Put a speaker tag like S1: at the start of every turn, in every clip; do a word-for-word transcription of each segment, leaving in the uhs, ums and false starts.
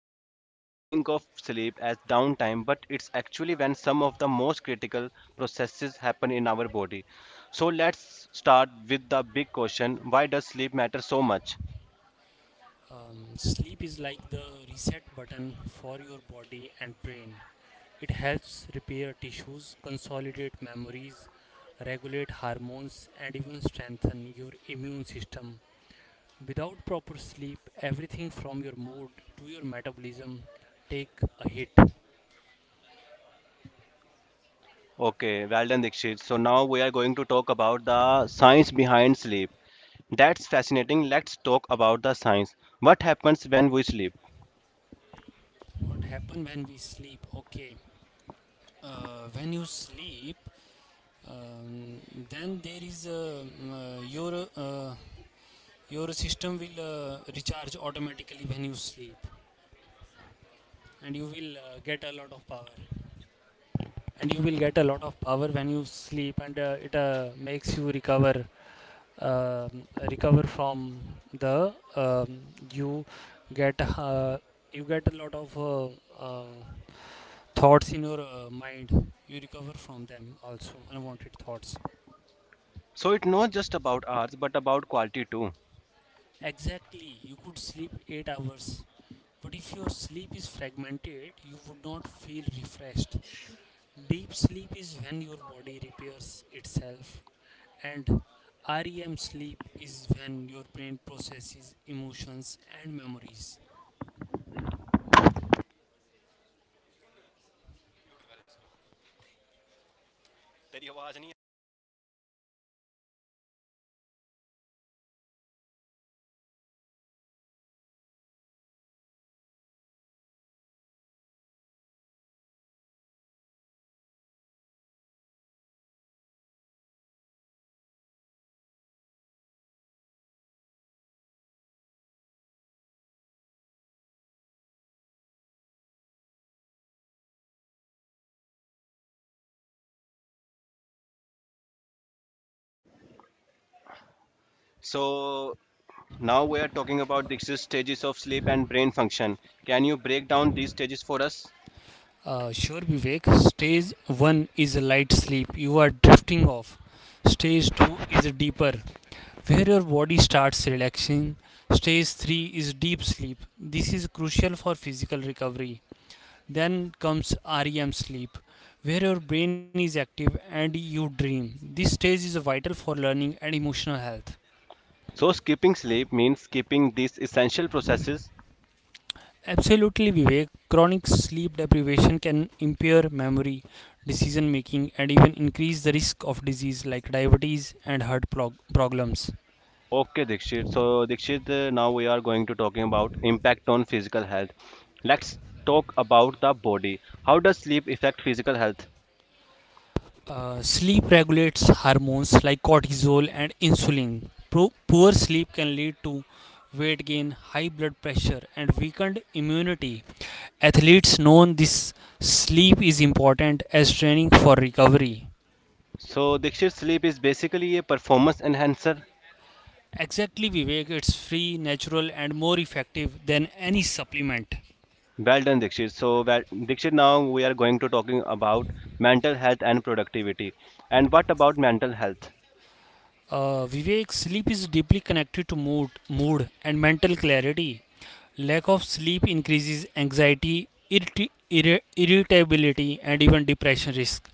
S1: People often think of sleep as downtime, but it's actually when some of the most critical processes happen in our body. So let's start with the big question why does sleep matter so much?
S2: Um, sleep is like the reset button for your body and brain. It helps repair tissues, consolidate memories, regulate hormones, and even strengthen your immune system. Without proper sleep, everything from your mood to your metabolism take a hit.
S1: Okay, well done, Dikshit. So now we are going to talk about the science behind sleep. That's fascinating. Let's talk about the science. What happens when we sleep?
S2: What happen when we sleep? Okay. Uh, when you sleep, um, then there is a, um, uh, your uh, your system will uh, recharge automatically when you sleep, and you will uh, get a lot of power. And you will get a lot of power when you sleep, and uh, it uh, makes you recover. Um recover from the um, you get uh, you get a lot of uh, uh, thoughts in your uh, mind. You recover from them also, unwanted thoughts.
S1: So it's not just about hours, but about quality too.
S2: Exactly, you could sleep eight hours, but if your sleep is fragmented, you would not feel refreshed. Deep sleep is when your body repairs itself, and R E M sleep is when your brain processes emotions and memories.
S1: So now we are talking about Dikshit's stages of sleep and brain function. Can you break down these stages for us?
S2: Uh, sure, Vivek. Stage one is a light sleep. You are drifting off. Stage two is deeper, where your body starts relaxing. Stage three is deep sleep. This is crucial for physical recovery. Then comes R E M sleep, where your brain is active and you dream. This stage is vital for learning and emotional health.
S1: So skipping sleep means skipping these essential processes.
S2: Absolutely, Vivek, chronic sleep deprivation can impair memory, decision making, and even increase the risk of disease like diabetes and heart prog- problems.
S1: Okay, Dikshit. So, Dikshit, uh, now we are going to talking about impact on physical health. Let's talk about the body. How does sleep affect physical health?
S2: Uh, sleep regulates hormones like cortisol and insulin. Pro- poor sleep can lead to weight gain, high blood pressure, and weakened immunity. Athletes know this, sleep is important as training for recovery.
S1: So, Dikshit, sleep is basically a performance enhancer.
S2: Exactly, Vivek, it's free, natural, and more effective than any supplement.
S1: Well done, Dikshit. So, well, Dikshit, now we are going to talking about mental health and productivity. And what about mental health?
S2: Uh, Vivek, sleep is deeply connected to mood, mood and mental clarity. Lack of sleep increases anxiety, irrit- irri- irritability, and even depression risk.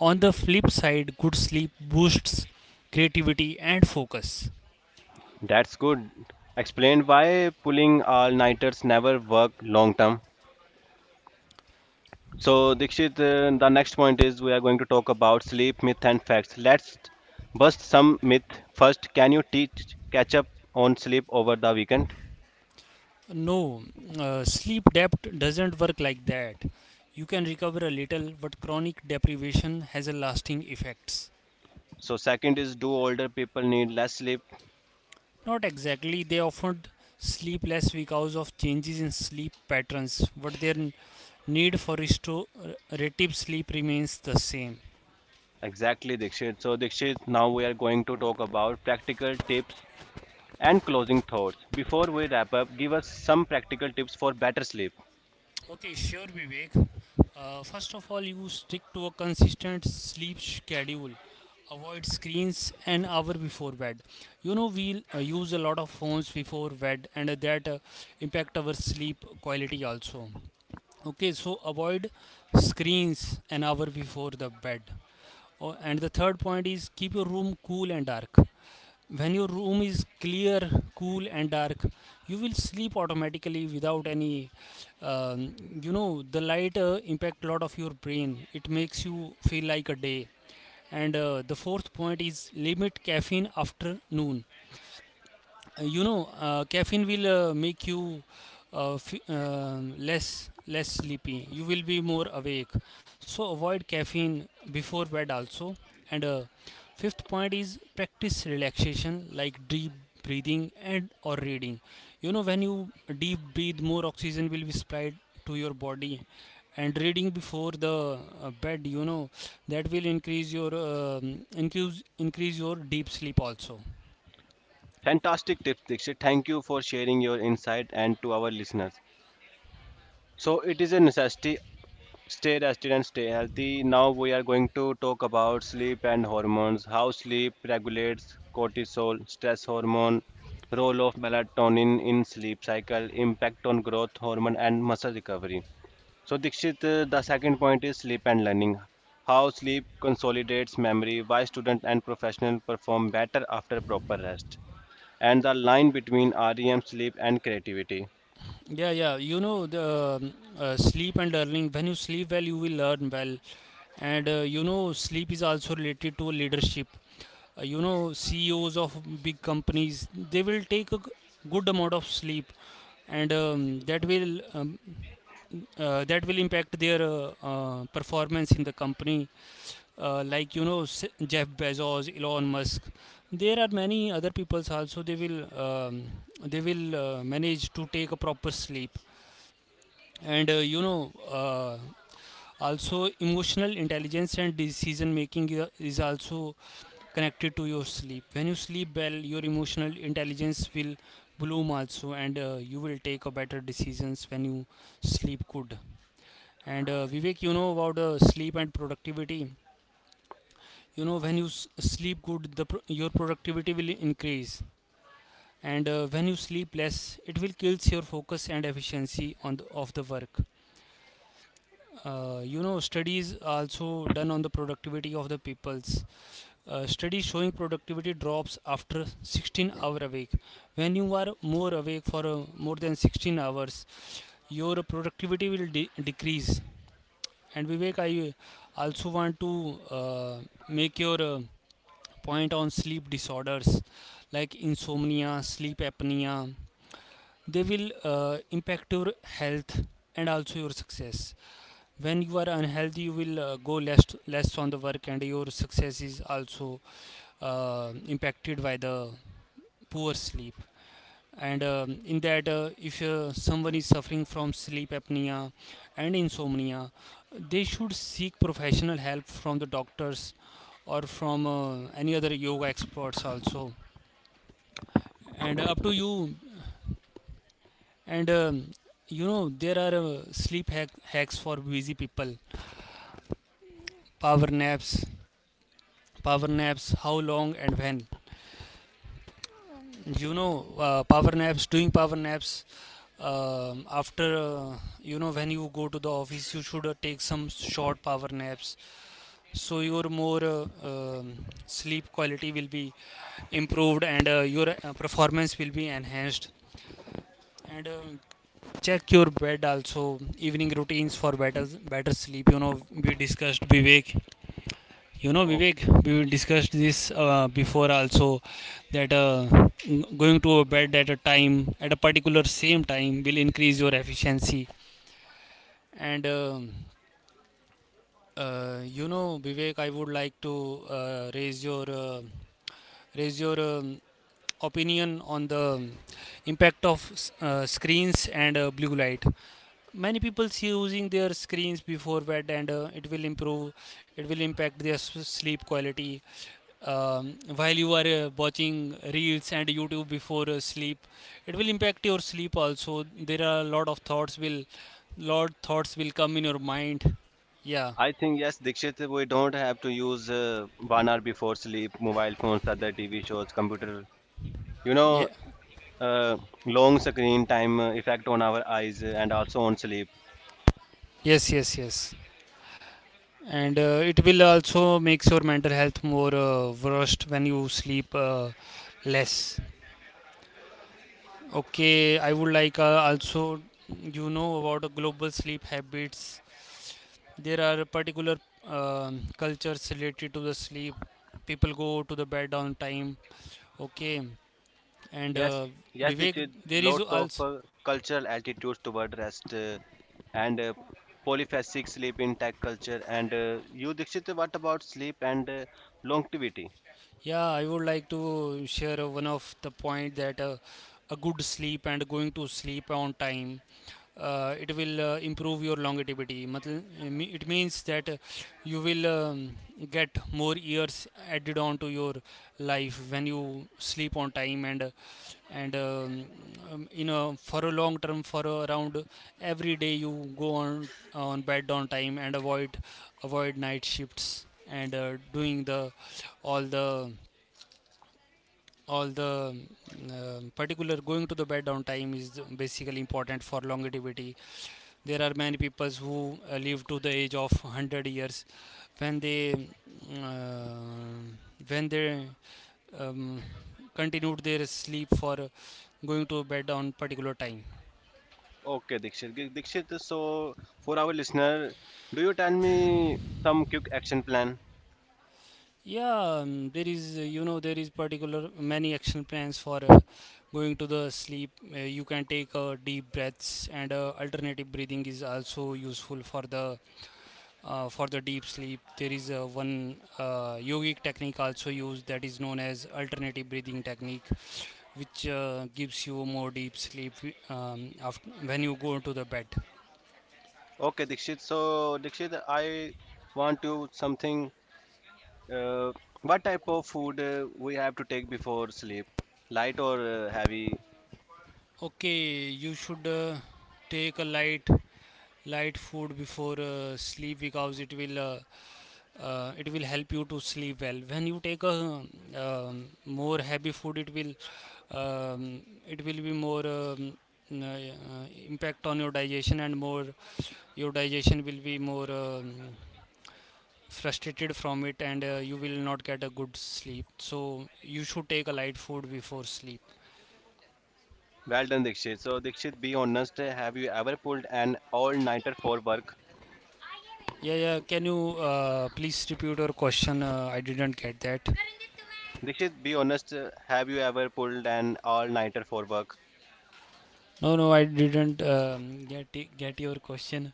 S2: On the flip side, good sleep boosts creativity and focus.
S1: That's good. Explain why pulling all-nighters never work long term. So, Dikshit, uh, the next point is we are going to talk about sleep myth and facts. Let's bust some myth. First, can you teach catch up on sleep over the weekend?
S2: No, uh, sleep debt doesn't work like that. You can recover a little, but chronic deprivation has a lasting effects.
S1: So, second is do older people need less sleep?
S2: Not exactly. They often sleep less because of changes in sleep patterns, but their n- need for restorative sleep remains the same.
S1: Exactly, Dikshit. So, Dikshit, now we are going to talk about practical tips and closing thoughts. Before we wrap up, give us some practical tips for better sleep.
S2: Okay, sure, Vivek. Uh, first of all, you stick to a consistent sleep schedule. Avoid screens an hour before bed. You know, we uh, use a lot of phones before bed, and that uh, impact our sleep quality also. Okay, so avoid screens an hour before the bed. Oh, and the third point is keep your room cool and dark. When your room is clear, cool, and dark, you will sleep automatically without any. Um, you know, the light uh, impact lot of your brain. It makes you feel like a day. And uh, the fourth point is limit caffeine after noon. Uh, you know, uh, caffeine will uh, make you uh, f- uh, less less sleepy. You will be more awake. So avoid caffeine before bed also. And uh, fifth point is practice relaxation like deep breathing and or reading. You know, when you deep breathe, more oxygen will be supplied to your body. And reading before the uh, bed, you know, that will increase your um increase increase your deep sleep also.
S1: Fantastic tips, Dikshit. Thank you for sharing your insight and to our listeners. So, it is a necessity. Stay rested and stay healthy. Now we are going to talk about sleep and hormones, how sleep regulates cortisol, stress hormone, role of melatonin in sleep cycle, impact on growth hormone and muscle recovery. So Dikshit, uh, the second point is sleep and learning. How sleep consolidates memory, why student and professional perform better after proper rest, and the line between R E M sleep and creativity.
S2: Yeah, yeah. You know, the um, uh, sleep and learning. When you sleep well, you will learn well. And uh, you know, sleep is also related to leadership. Uh, you know, C E Os of big companies, they will take a g- good amount of sleep, and um, that will um, uh, that will impact their uh, uh, performance in the company. Uh, like you know, S- Jeff Bezos, Elon Musk. There are many other peoples also. They will um, they will uh, manage to take a proper sleep. And uh, you know uh, also, emotional intelligence and decision making i- is also connected to your sleep. When you sleep well, your emotional intelligence will bloom also, and uh, you will take a better decisions when you sleep good. And uh, Vivek, you know about uh, sleep and productivity. You know, when you s- sleep good, the pro- your productivity will increase. And uh, when you sleep less, it will kills your focus and efficiency on the, of the work. Uh, you know, studies also done on the productivity of the peoples. Uh, studies showing productivity drops after sixteen hour awake. When you are more awake for uh, more than sixteen hours, your productivity will de- decrease. And Vivek, I also want to uh, make your uh, point on sleep disorders like insomnia, sleep apnea. They will uh, impact your health and also your success. When you are unhealthy, you will uh, go less less on the work, and your success is also uh, impacted by the poor sleep. And um, in that, uh, if uh, someone is suffering from sleep apnea and insomnia, they should seek professional help from the doctors or from uh, any other yoga experts also, and up to you. And um, you know, there are uh, sleep hack- hacks for busy people. Power naps. Power naps, how long and when? You know, uh, power naps doing power naps um after, uh, you know, when you go to the office, you should uh, take some short power naps, so your more uh, um sleep quality will be improved, and uh, your uh, performance will be enhanced. And um check your bed also. Evening routines for better better sleep, you know, we discussed, Vivek. You know, Vivek, we discussed this uh, before also, that uh, n- going to bed at a time, at a particular same time, will increase your efficiency. And um, uh, you know, Vivek, I would like to uh, raise your uh, raise your um, opinion on the um, impact of s- uh, screens and uh, blue light. Many people see using their screens before bed, and uh, it will improve. It will impapt their s- sleep quality um, while you are uh, watching reels and youtube before uh, sleep. It will impact your sleep also. There are a lot of thoughts will lot thoughts will come in your mind. Yeah,
S1: I think yes, Dikshit, we don't have to use uh, one hour before sleep, mobile phones, other T V shows, computer. You know,
S2: yeah.
S1: uh, long screen time uh, effect on our eyes uh, and also on sleep.
S2: Yes, yes, yes. And uh, it will also makes your mental health more uh, worst when you sleep uh, less. Okay, I would like uh, also, you know, about uh, global sleep habits. There are particular um cultures related to the sleep. People go to the bed on time. Okay, and
S1: Yes,
S2: uh,
S1: yes,
S2: Vivek,
S1: Dikshit,
S2: there is
S1: lots of
S2: also.
S1: uh, cultural attitudes toward rest uh, and uh, polyphasic sleep in tech culture. And uh, you, Dikshit, what about sleep and uh, longevity?
S2: Yeah, I would like to share uh, one of the point that uh, a good sleep and going to sleep on time, uh, it will uh, improve your longevity. Matl- it me- it means that uh, you will um, get more years added on to your life when you sleep on time. And uh, and um, um, you know, for a long term, for around every day, you go on on bed on time and avoid avoid night shifts, and uh, doing the all the all the um, um, particular going to the bed on time is basically important for longevity. There are many people who uh, live to the age of one hundred years when they uh, when they um, continued their sleep for uh, going to bed on particular time.
S1: Okay, Dikshit. Gi- Dikshit, so for our listener, do you tell me some quick action plan?
S2: Yeah, um, there is, uh, you know, there is particular many action plans for uh, going to the sleep. Uh, you can take uh, deep breaths, and uh, alternative breathing is also useful for the uh, for the deep sleep. There is a one uh, yogic technique also used that is known as alternative breathing technique, which uh, gives you more deep sleep um, after, when you go to the bed.
S1: Okay, Dikshit. So, Dikshit, I want to something. Uh, what type of food uh, we have to take before sleep? Light or uh, heavy?
S2: Okay, you should uh, take a light light food before uh, sleep, because it will uh, uh, it will help you to sleep well. When you take a um, more heavy food, it will um, it will be more um, uh, uh, impact on your digestion, and more your digestion will be more um, frustrated from it, and uh, you will not get a good sleep. So you should take a light food before sleep.
S1: Well done, Dikshit. So, Dikshit, be honest. uh, Have you ever pulled an all-nighter for work?
S2: Yeah, yeah, can you uh, please repeat your question? uh, I didn't get that.
S1: Dikshit, be honest. uh, Have you ever pulled an all-nighter for work?
S2: No, no, I didn't um, get it- get your question.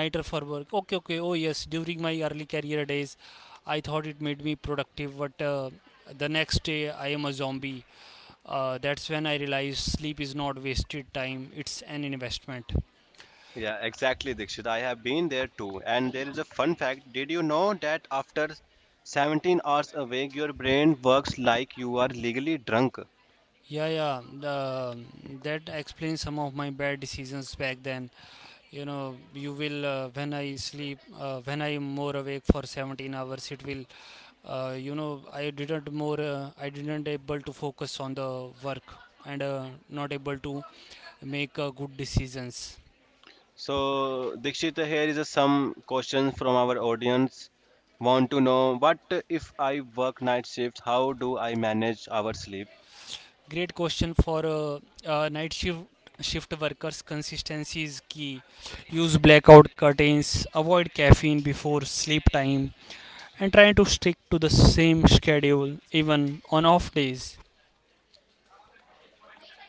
S2: Nighter for work? Okay, okay. Oh yes, during my early career days, I thought it made me productive, but uh, the next day I am a zombie. Uh, that's when I realized sleep is not wasted time, it's an investment.
S1: Yeah, exactly, Dikshit. I have been there too. And there is a fun fact. Did you know that after seventeen hours awake, your brain works like you are legally drunk?
S2: Yeah, yeah. The, um, that explains some of my bad decisions back then. You know, you will uh, when I sleep, uh, when I am more awake for seventeen hours, it will. Uh, you know, I didn't more. Uh, I didn't able to focus on the work and uh, not able to make uh, good decisions.
S1: So, Dikshit, here is a some questions from our audience. Want to know what if I work night shifts? How do I manage our sleep?
S2: Great question for uh, uh, night shift shift workers. Consistency is key. Use blackout curtains. Avoid caffeine before sleep time and try to stick to the same schedule even on off days.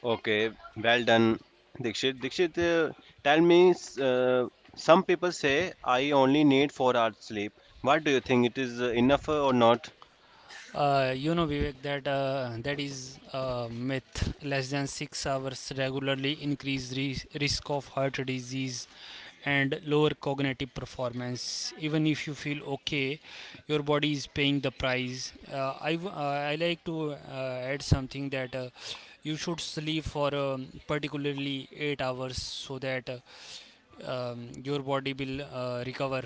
S1: Okay, well done, Dikshit. Dikshit, uh, tell me, s- uh, some people say I only need four hours sleep. What do you think? It is uh, enough uh, or not?
S2: Uh, you know, Vivek, that uh, that is a myth. Less than six hours regularly increase ris- risk of heart disease and lower cognitive performance. Even if you feel okay, your body is paying the price. Uh, I w- uh, I like to uh, add something that. Uh, you should sleep for um, particularly eight hours so that uh, um, your body will uh, recover.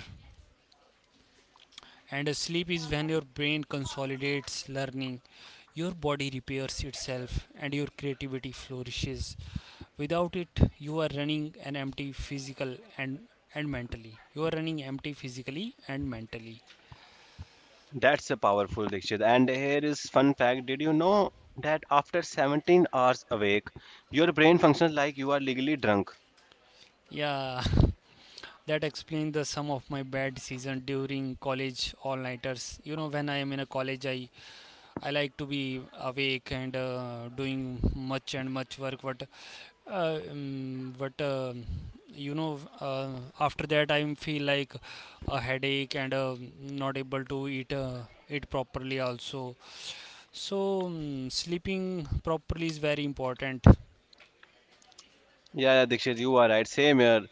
S2: And sleep is when your brain consolidates learning, your body repairs itself, and your creativity flourishes. Without it, you are running an empty physical and and mentally. You are running empty physically and mentally.
S1: That's a powerful, Dikshit. And here is fun fact. Did you know that after seventeen hours awake, your brain functions like you are legally drunk?
S2: Yeah, that explains the sum of my bad season during college all-nighters. You know, when I am in a college, I I like to be awake and uh, doing much and much work. What Uh, um, but um, you know, uh, After that I feel like a headache and uh, not able to eat uh, eat properly also. So um, sleeping properly is very important.
S1: Yeah, yeah, Dikshit, you are right. Same here.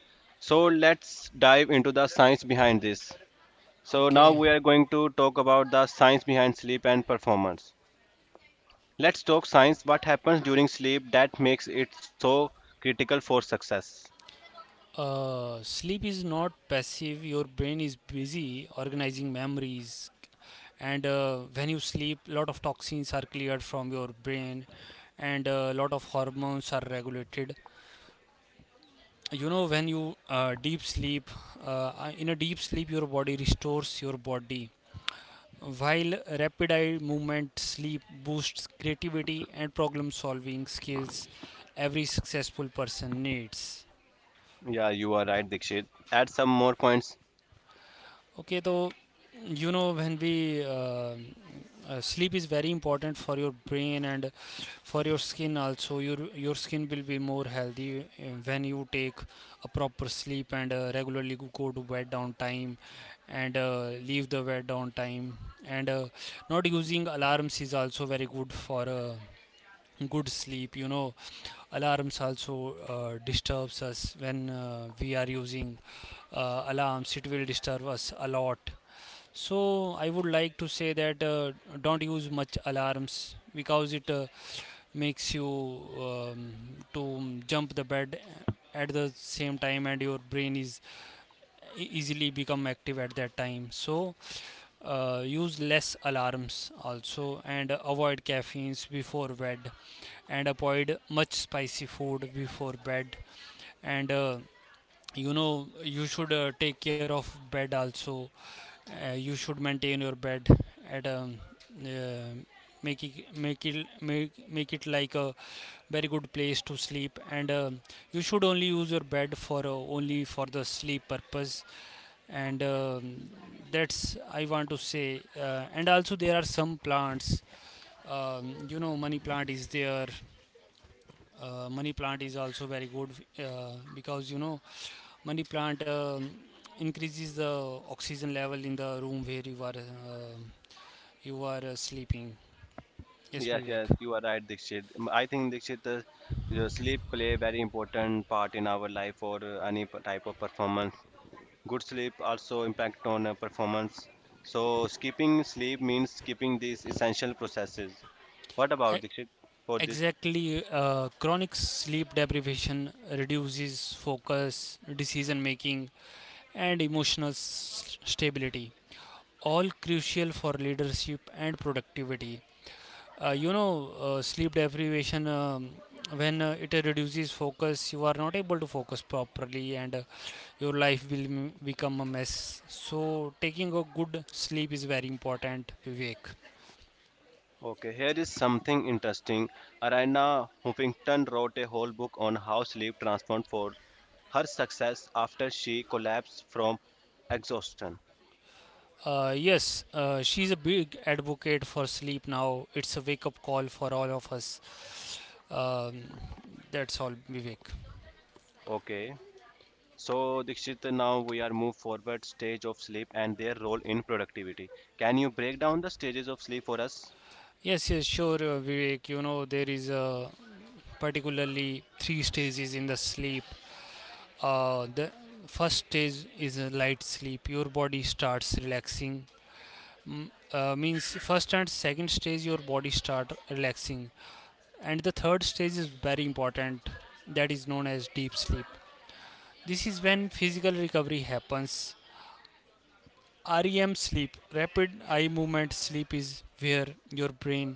S1: So let's dive into the science behind this. So now
S2: Okay.
S1: we are going to talk about the science behind sleep and performance. Let's talk science. What happens during sleep that makes it so critical for success?
S2: Uh, sleep is not passive. Your brain is busy organizing memories, and uh, when you sleep, lot of toxins are cleared from your brain, and a lot of hormones are regulated. You know when you uh, deep sleep uh, uh, in a deep sleep your body restores your body, while rapid eye movement sleep boosts creativity and problem solving skills every successful person needs.
S1: Yeah, you are right, Dikshit. Add some more points.
S2: Okay, though, you know, when we uh, uh, sleep is very important for your brain and for your skin also. Your your skin will be more healthy uh, when you take a proper sleep and uh, regularly go go to bed on time and uh, leave the bed on time. And uh, not using alarms is also very good for uh, good sleep. You know, alarms also uh, disturbs us when uh, we are using uh, alarms. It will disturb us a lot, so I would like to say that uh, don't use much alarms because it uh, makes you um, to jump the bed at the same time and your brain is e- easily become active at that time. So uh, use less alarms also, and avoid caffeines before bed and avoid much spicy food before bed, and uh, you know you should uh, take care of bed also. Uh, you should maintain your bed at um, uh, make it make it make, make it like a very good place to sleep, and um you should only use your bed for uh, only for the sleep purpose. And um, that's I want to say, uh, and also there are some plants. Um, you know, money plant is there. Uh, money plant is also very good uh, because you know money plant um, increases the oxygen level in the room where you are um you are uh, sleeping. Yes,
S1: Yes, yes,
S2: Vivek.
S1: you are right, Dikshit. Mm, I think Dikshit, the, the sleep play a very important part in our life for uh, any p- type of performance. Good sleep also impact on uh, performance. So skipping sleep means skipping these essential processes. What
S2: E-
S1: about Dikshit for this?
S2: Exactly. Uh, chronic sleep deprivation reduces focus, decision making, and emotional s- stability, all crucial for leadership and productivity. Uh, you know, uh, sleep deprivation. Um, when uh, it reduces focus, you are not able to focus properly, and uh, your life will m- become a mess. So, taking a good sleep is very important, Vivek.
S1: Okay, here is something interesting. Arina Huffington wrote a whole book on how sleep transformed for her success after she collapsed from exhaustion.
S2: Uh, yes, uh, she's a big advocate for sleep now. It's a wake up call for all of us. Um, that's all, Vivek.
S1: Okay, so Dikshit, now we are move forward stage of sleep and their role in productivity. Can you break down the stages of sleep for us?
S2: Yes, yes, sure, uh, Vivek. You know, there is uh, particularly three stages in the sleep. Uh, the first stage is a light sleep. Your body starts relaxing. Mm, uh, means first and second stage your body start relaxing, and the third stage is very important. That is known as deep sleep. This is when physical recovery happens. REM sleep, rapid eye movement sleep, is where your brain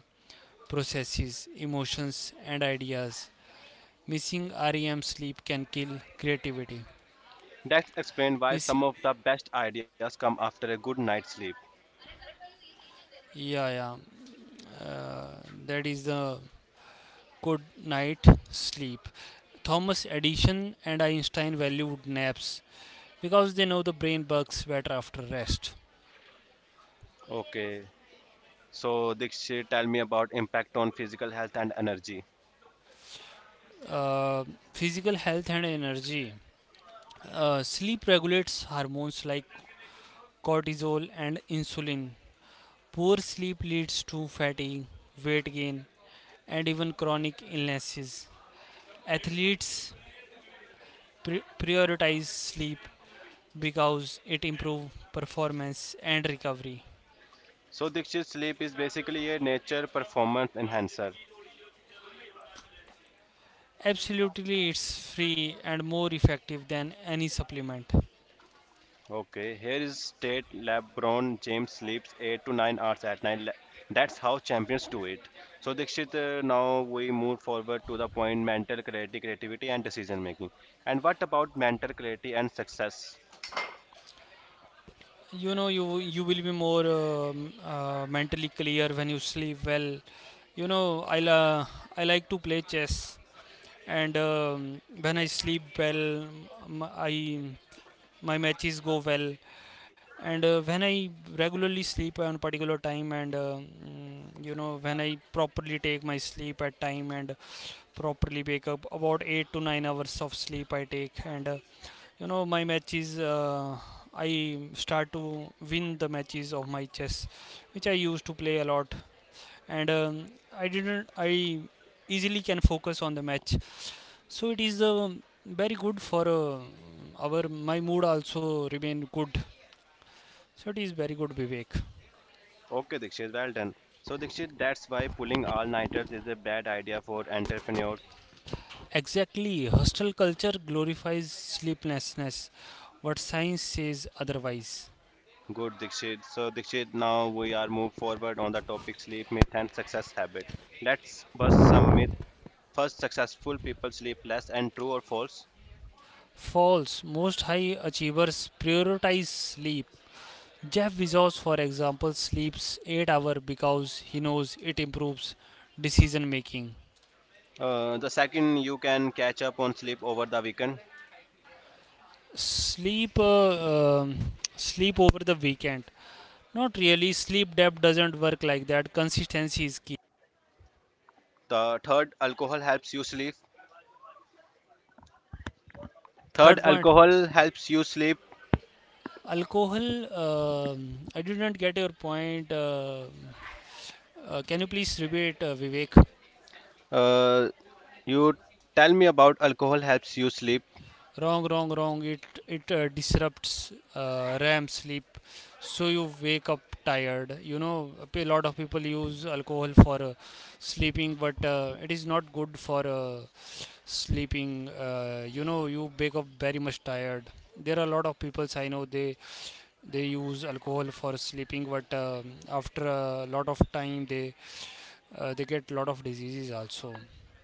S2: processes emotions and ideas. Missing REM sleep can kill creativity.
S1: That's explained why
S2: Miss,
S1: some of the best ideas come after a good night's sleep.
S2: yeah, yeah, uh, that is the good night sleep. Thomas Edison and Einstein valued naps because they know the brain works better after rest.
S1: Okay. So Dikshit, tell me about impact on physical health and energy.
S2: Uh, Physical health and energy. Uh, sleep regulates hormones like cortisol and insulin. Poor sleep leads to fatigue, weight gain, and even chronic illnesses. Athletes pri- prioritize sleep because it improves performance and recovery.
S1: So Dikshit, sleep is basically a nature performance enhancer.
S2: Absolutely, it's free and more effective than any supplement.
S1: Okay. Here is state LeBron James sleeps eight to nine hours at night. Le- That's how champions do it. So Dikshit, uh, now we move forward to the point mental clarity, creativity, and decision making. And what about mental clarity and success?
S2: You know, you you will be more um, uh, mentally clear when you sleep well. You know, I la- I like to play chess, and um, when I sleep well, m- I my matches go well, and uh, when I regularly sleep on particular time, and uh, mm, you know when I properly take my sleep at time and properly wake up, about eight to nine hours of sleep I take, and uh, you know my matches. Uh, I start to win the matches of my chess, which I used to play a lot, and um, I didn't. I easily can focus on the match. So it is uh, very good for uh, our my mood also remain good. So it is very good, Vivek.
S1: Okay, Dikshit, well done. So, Dikshit, that's why pulling all-nighters is a bad idea for entrepreneurs.
S2: Exactly, hostel culture glorifies sleeplessness, what science says otherwise.
S1: Good, Dikshit. So, Dikshit, now we are move forward on the topic sleep myth and success habit. Let's bust some myth. First, successful people sleep less and true or false.
S2: False, most high achievers prioritize sleep. Jeff Bezos, for example, sleeps eight hours because he knows it improves decision making.
S1: Uh, the second, you can catch up on sleep over the weekend.
S2: Sleep, uh, um, Sleep over the weekend. Not really. Sleep debt doesn't work like that. Consistency is key.
S1: The third, alcohol helps you sleep. Third,
S2: Third point,
S1: alcohol helps you sleep.
S2: alcohol. um I didn't get your point. Uh, uh, can you please repeat, uh, Vivek?
S1: Uh, you tell me about alcohol helps you sleep.
S2: Wrong, wrong, wrong. It it uh, disrupts uh, REM sleep, so you wake up tired. You know, a lot of people use alcohol for uh, sleeping, but uh, it is not good for uh, sleeping. Uh, you know, you wake up very much tired. There are a lot of people I know, they they use alcohol for sleeping, but um after a lot of time they uh, they get lot of diseases also,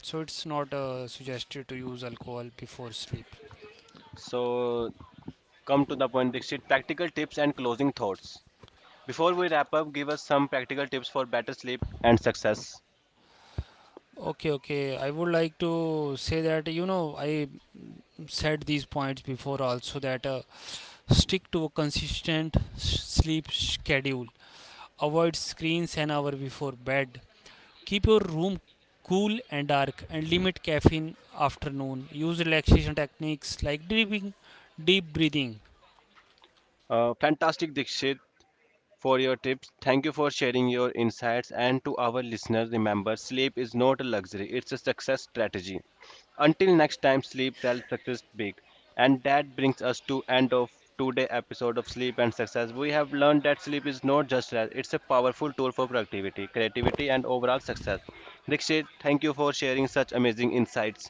S2: so it's not uh, suggested to use alcohol before sleep.
S1: So come to the point, Dixit. Practical tips and closing thoughts. Before we wrap up, give us some practical tips for better sleep and success.
S2: Okay, okay, I would like to say that you know I said these points before also, that uh, stick to a consistent s- sleep schedule, avoid screens an hour before bed. Keep your room cool and dark, and limit caffeine afternoon. Use relaxation techniques like deep, deep breathing.
S1: Uh, fantastic, Dixit. For your tips. Thank you for sharing your insights. And to our listeners, remember sleep is not a luxury, it's a success strategy. Until next time, sleep tells success big. And that brings us to end of today episode of Sleep and Success. We have learned that sleep is not just rest, it's a powerful tool for productivity, creativity and overall success. Dikshit, thank you for sharing such amazing insights.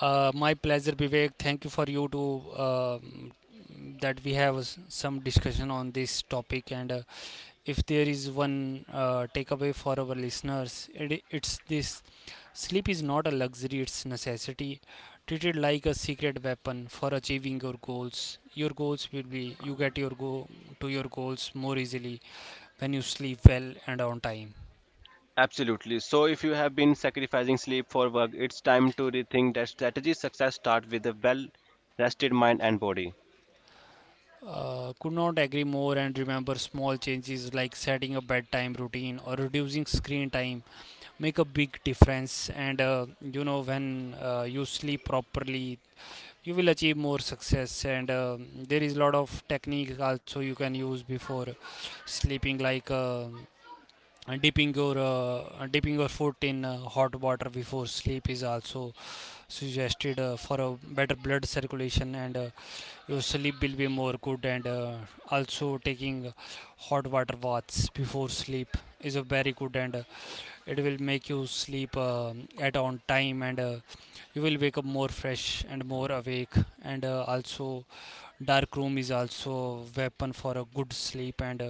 S2: Uh, my pleasure, Vivek. Thank you for you to um, that we have s- some discussion on this topic. And uh, if there is one uh, takeaway for our listeners, it, it's this: sleep is not a luxury, it's necessity. Treat it like a secret weapon for achieving your goals. Your goals will be you get your go To your goals more easily when you sleep well and on time.
S1: Absolutely. So, if you have been sacrificing sleep for work, it's time to rethink that strategy. Success starts with a well rested mind and body.
S2: Uh, could not agree more, and remember small changes like setting a bedtime routine or reducing screen time make a big difference. And uh, you know when uh, you sleep properly, you will achieve more success. And um there is a lot of technique also you can use before sleeping, like uh, dipping your uh, dipping your foot in uh, hot water before sleep is also suggested uh, for a better blood circulation. And uh, your sleep will be more good. And uh, also taking hot water baths before sleep is a very good. And uh, it will make you sleep um at on time. And uh, you will wake up more fresh and more awake. And uh, also dark room is also weapon for a good sleep. And uh,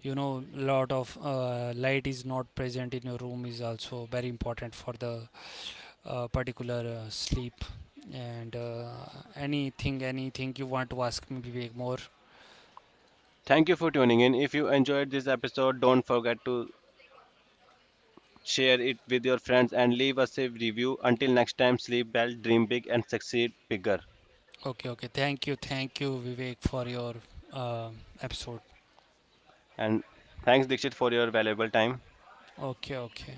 S2: you know lot of uh, light is not present in your room is also very important for the uh, particular uh, sleep. And uh, anything anything you want to ask me, Vivek, more?
S1: Thank you for tuning in. If you enjoyed this episode, don't forget to share it with your friends and leave us a review. Until next time, sleep well, dream big, and succeed bigger.
S2: Okay, okay, thank you, thank you Vivek, for your uh, episode.
S1: And thanks, Dixit, for your valuable time.
S2: Okay, okay.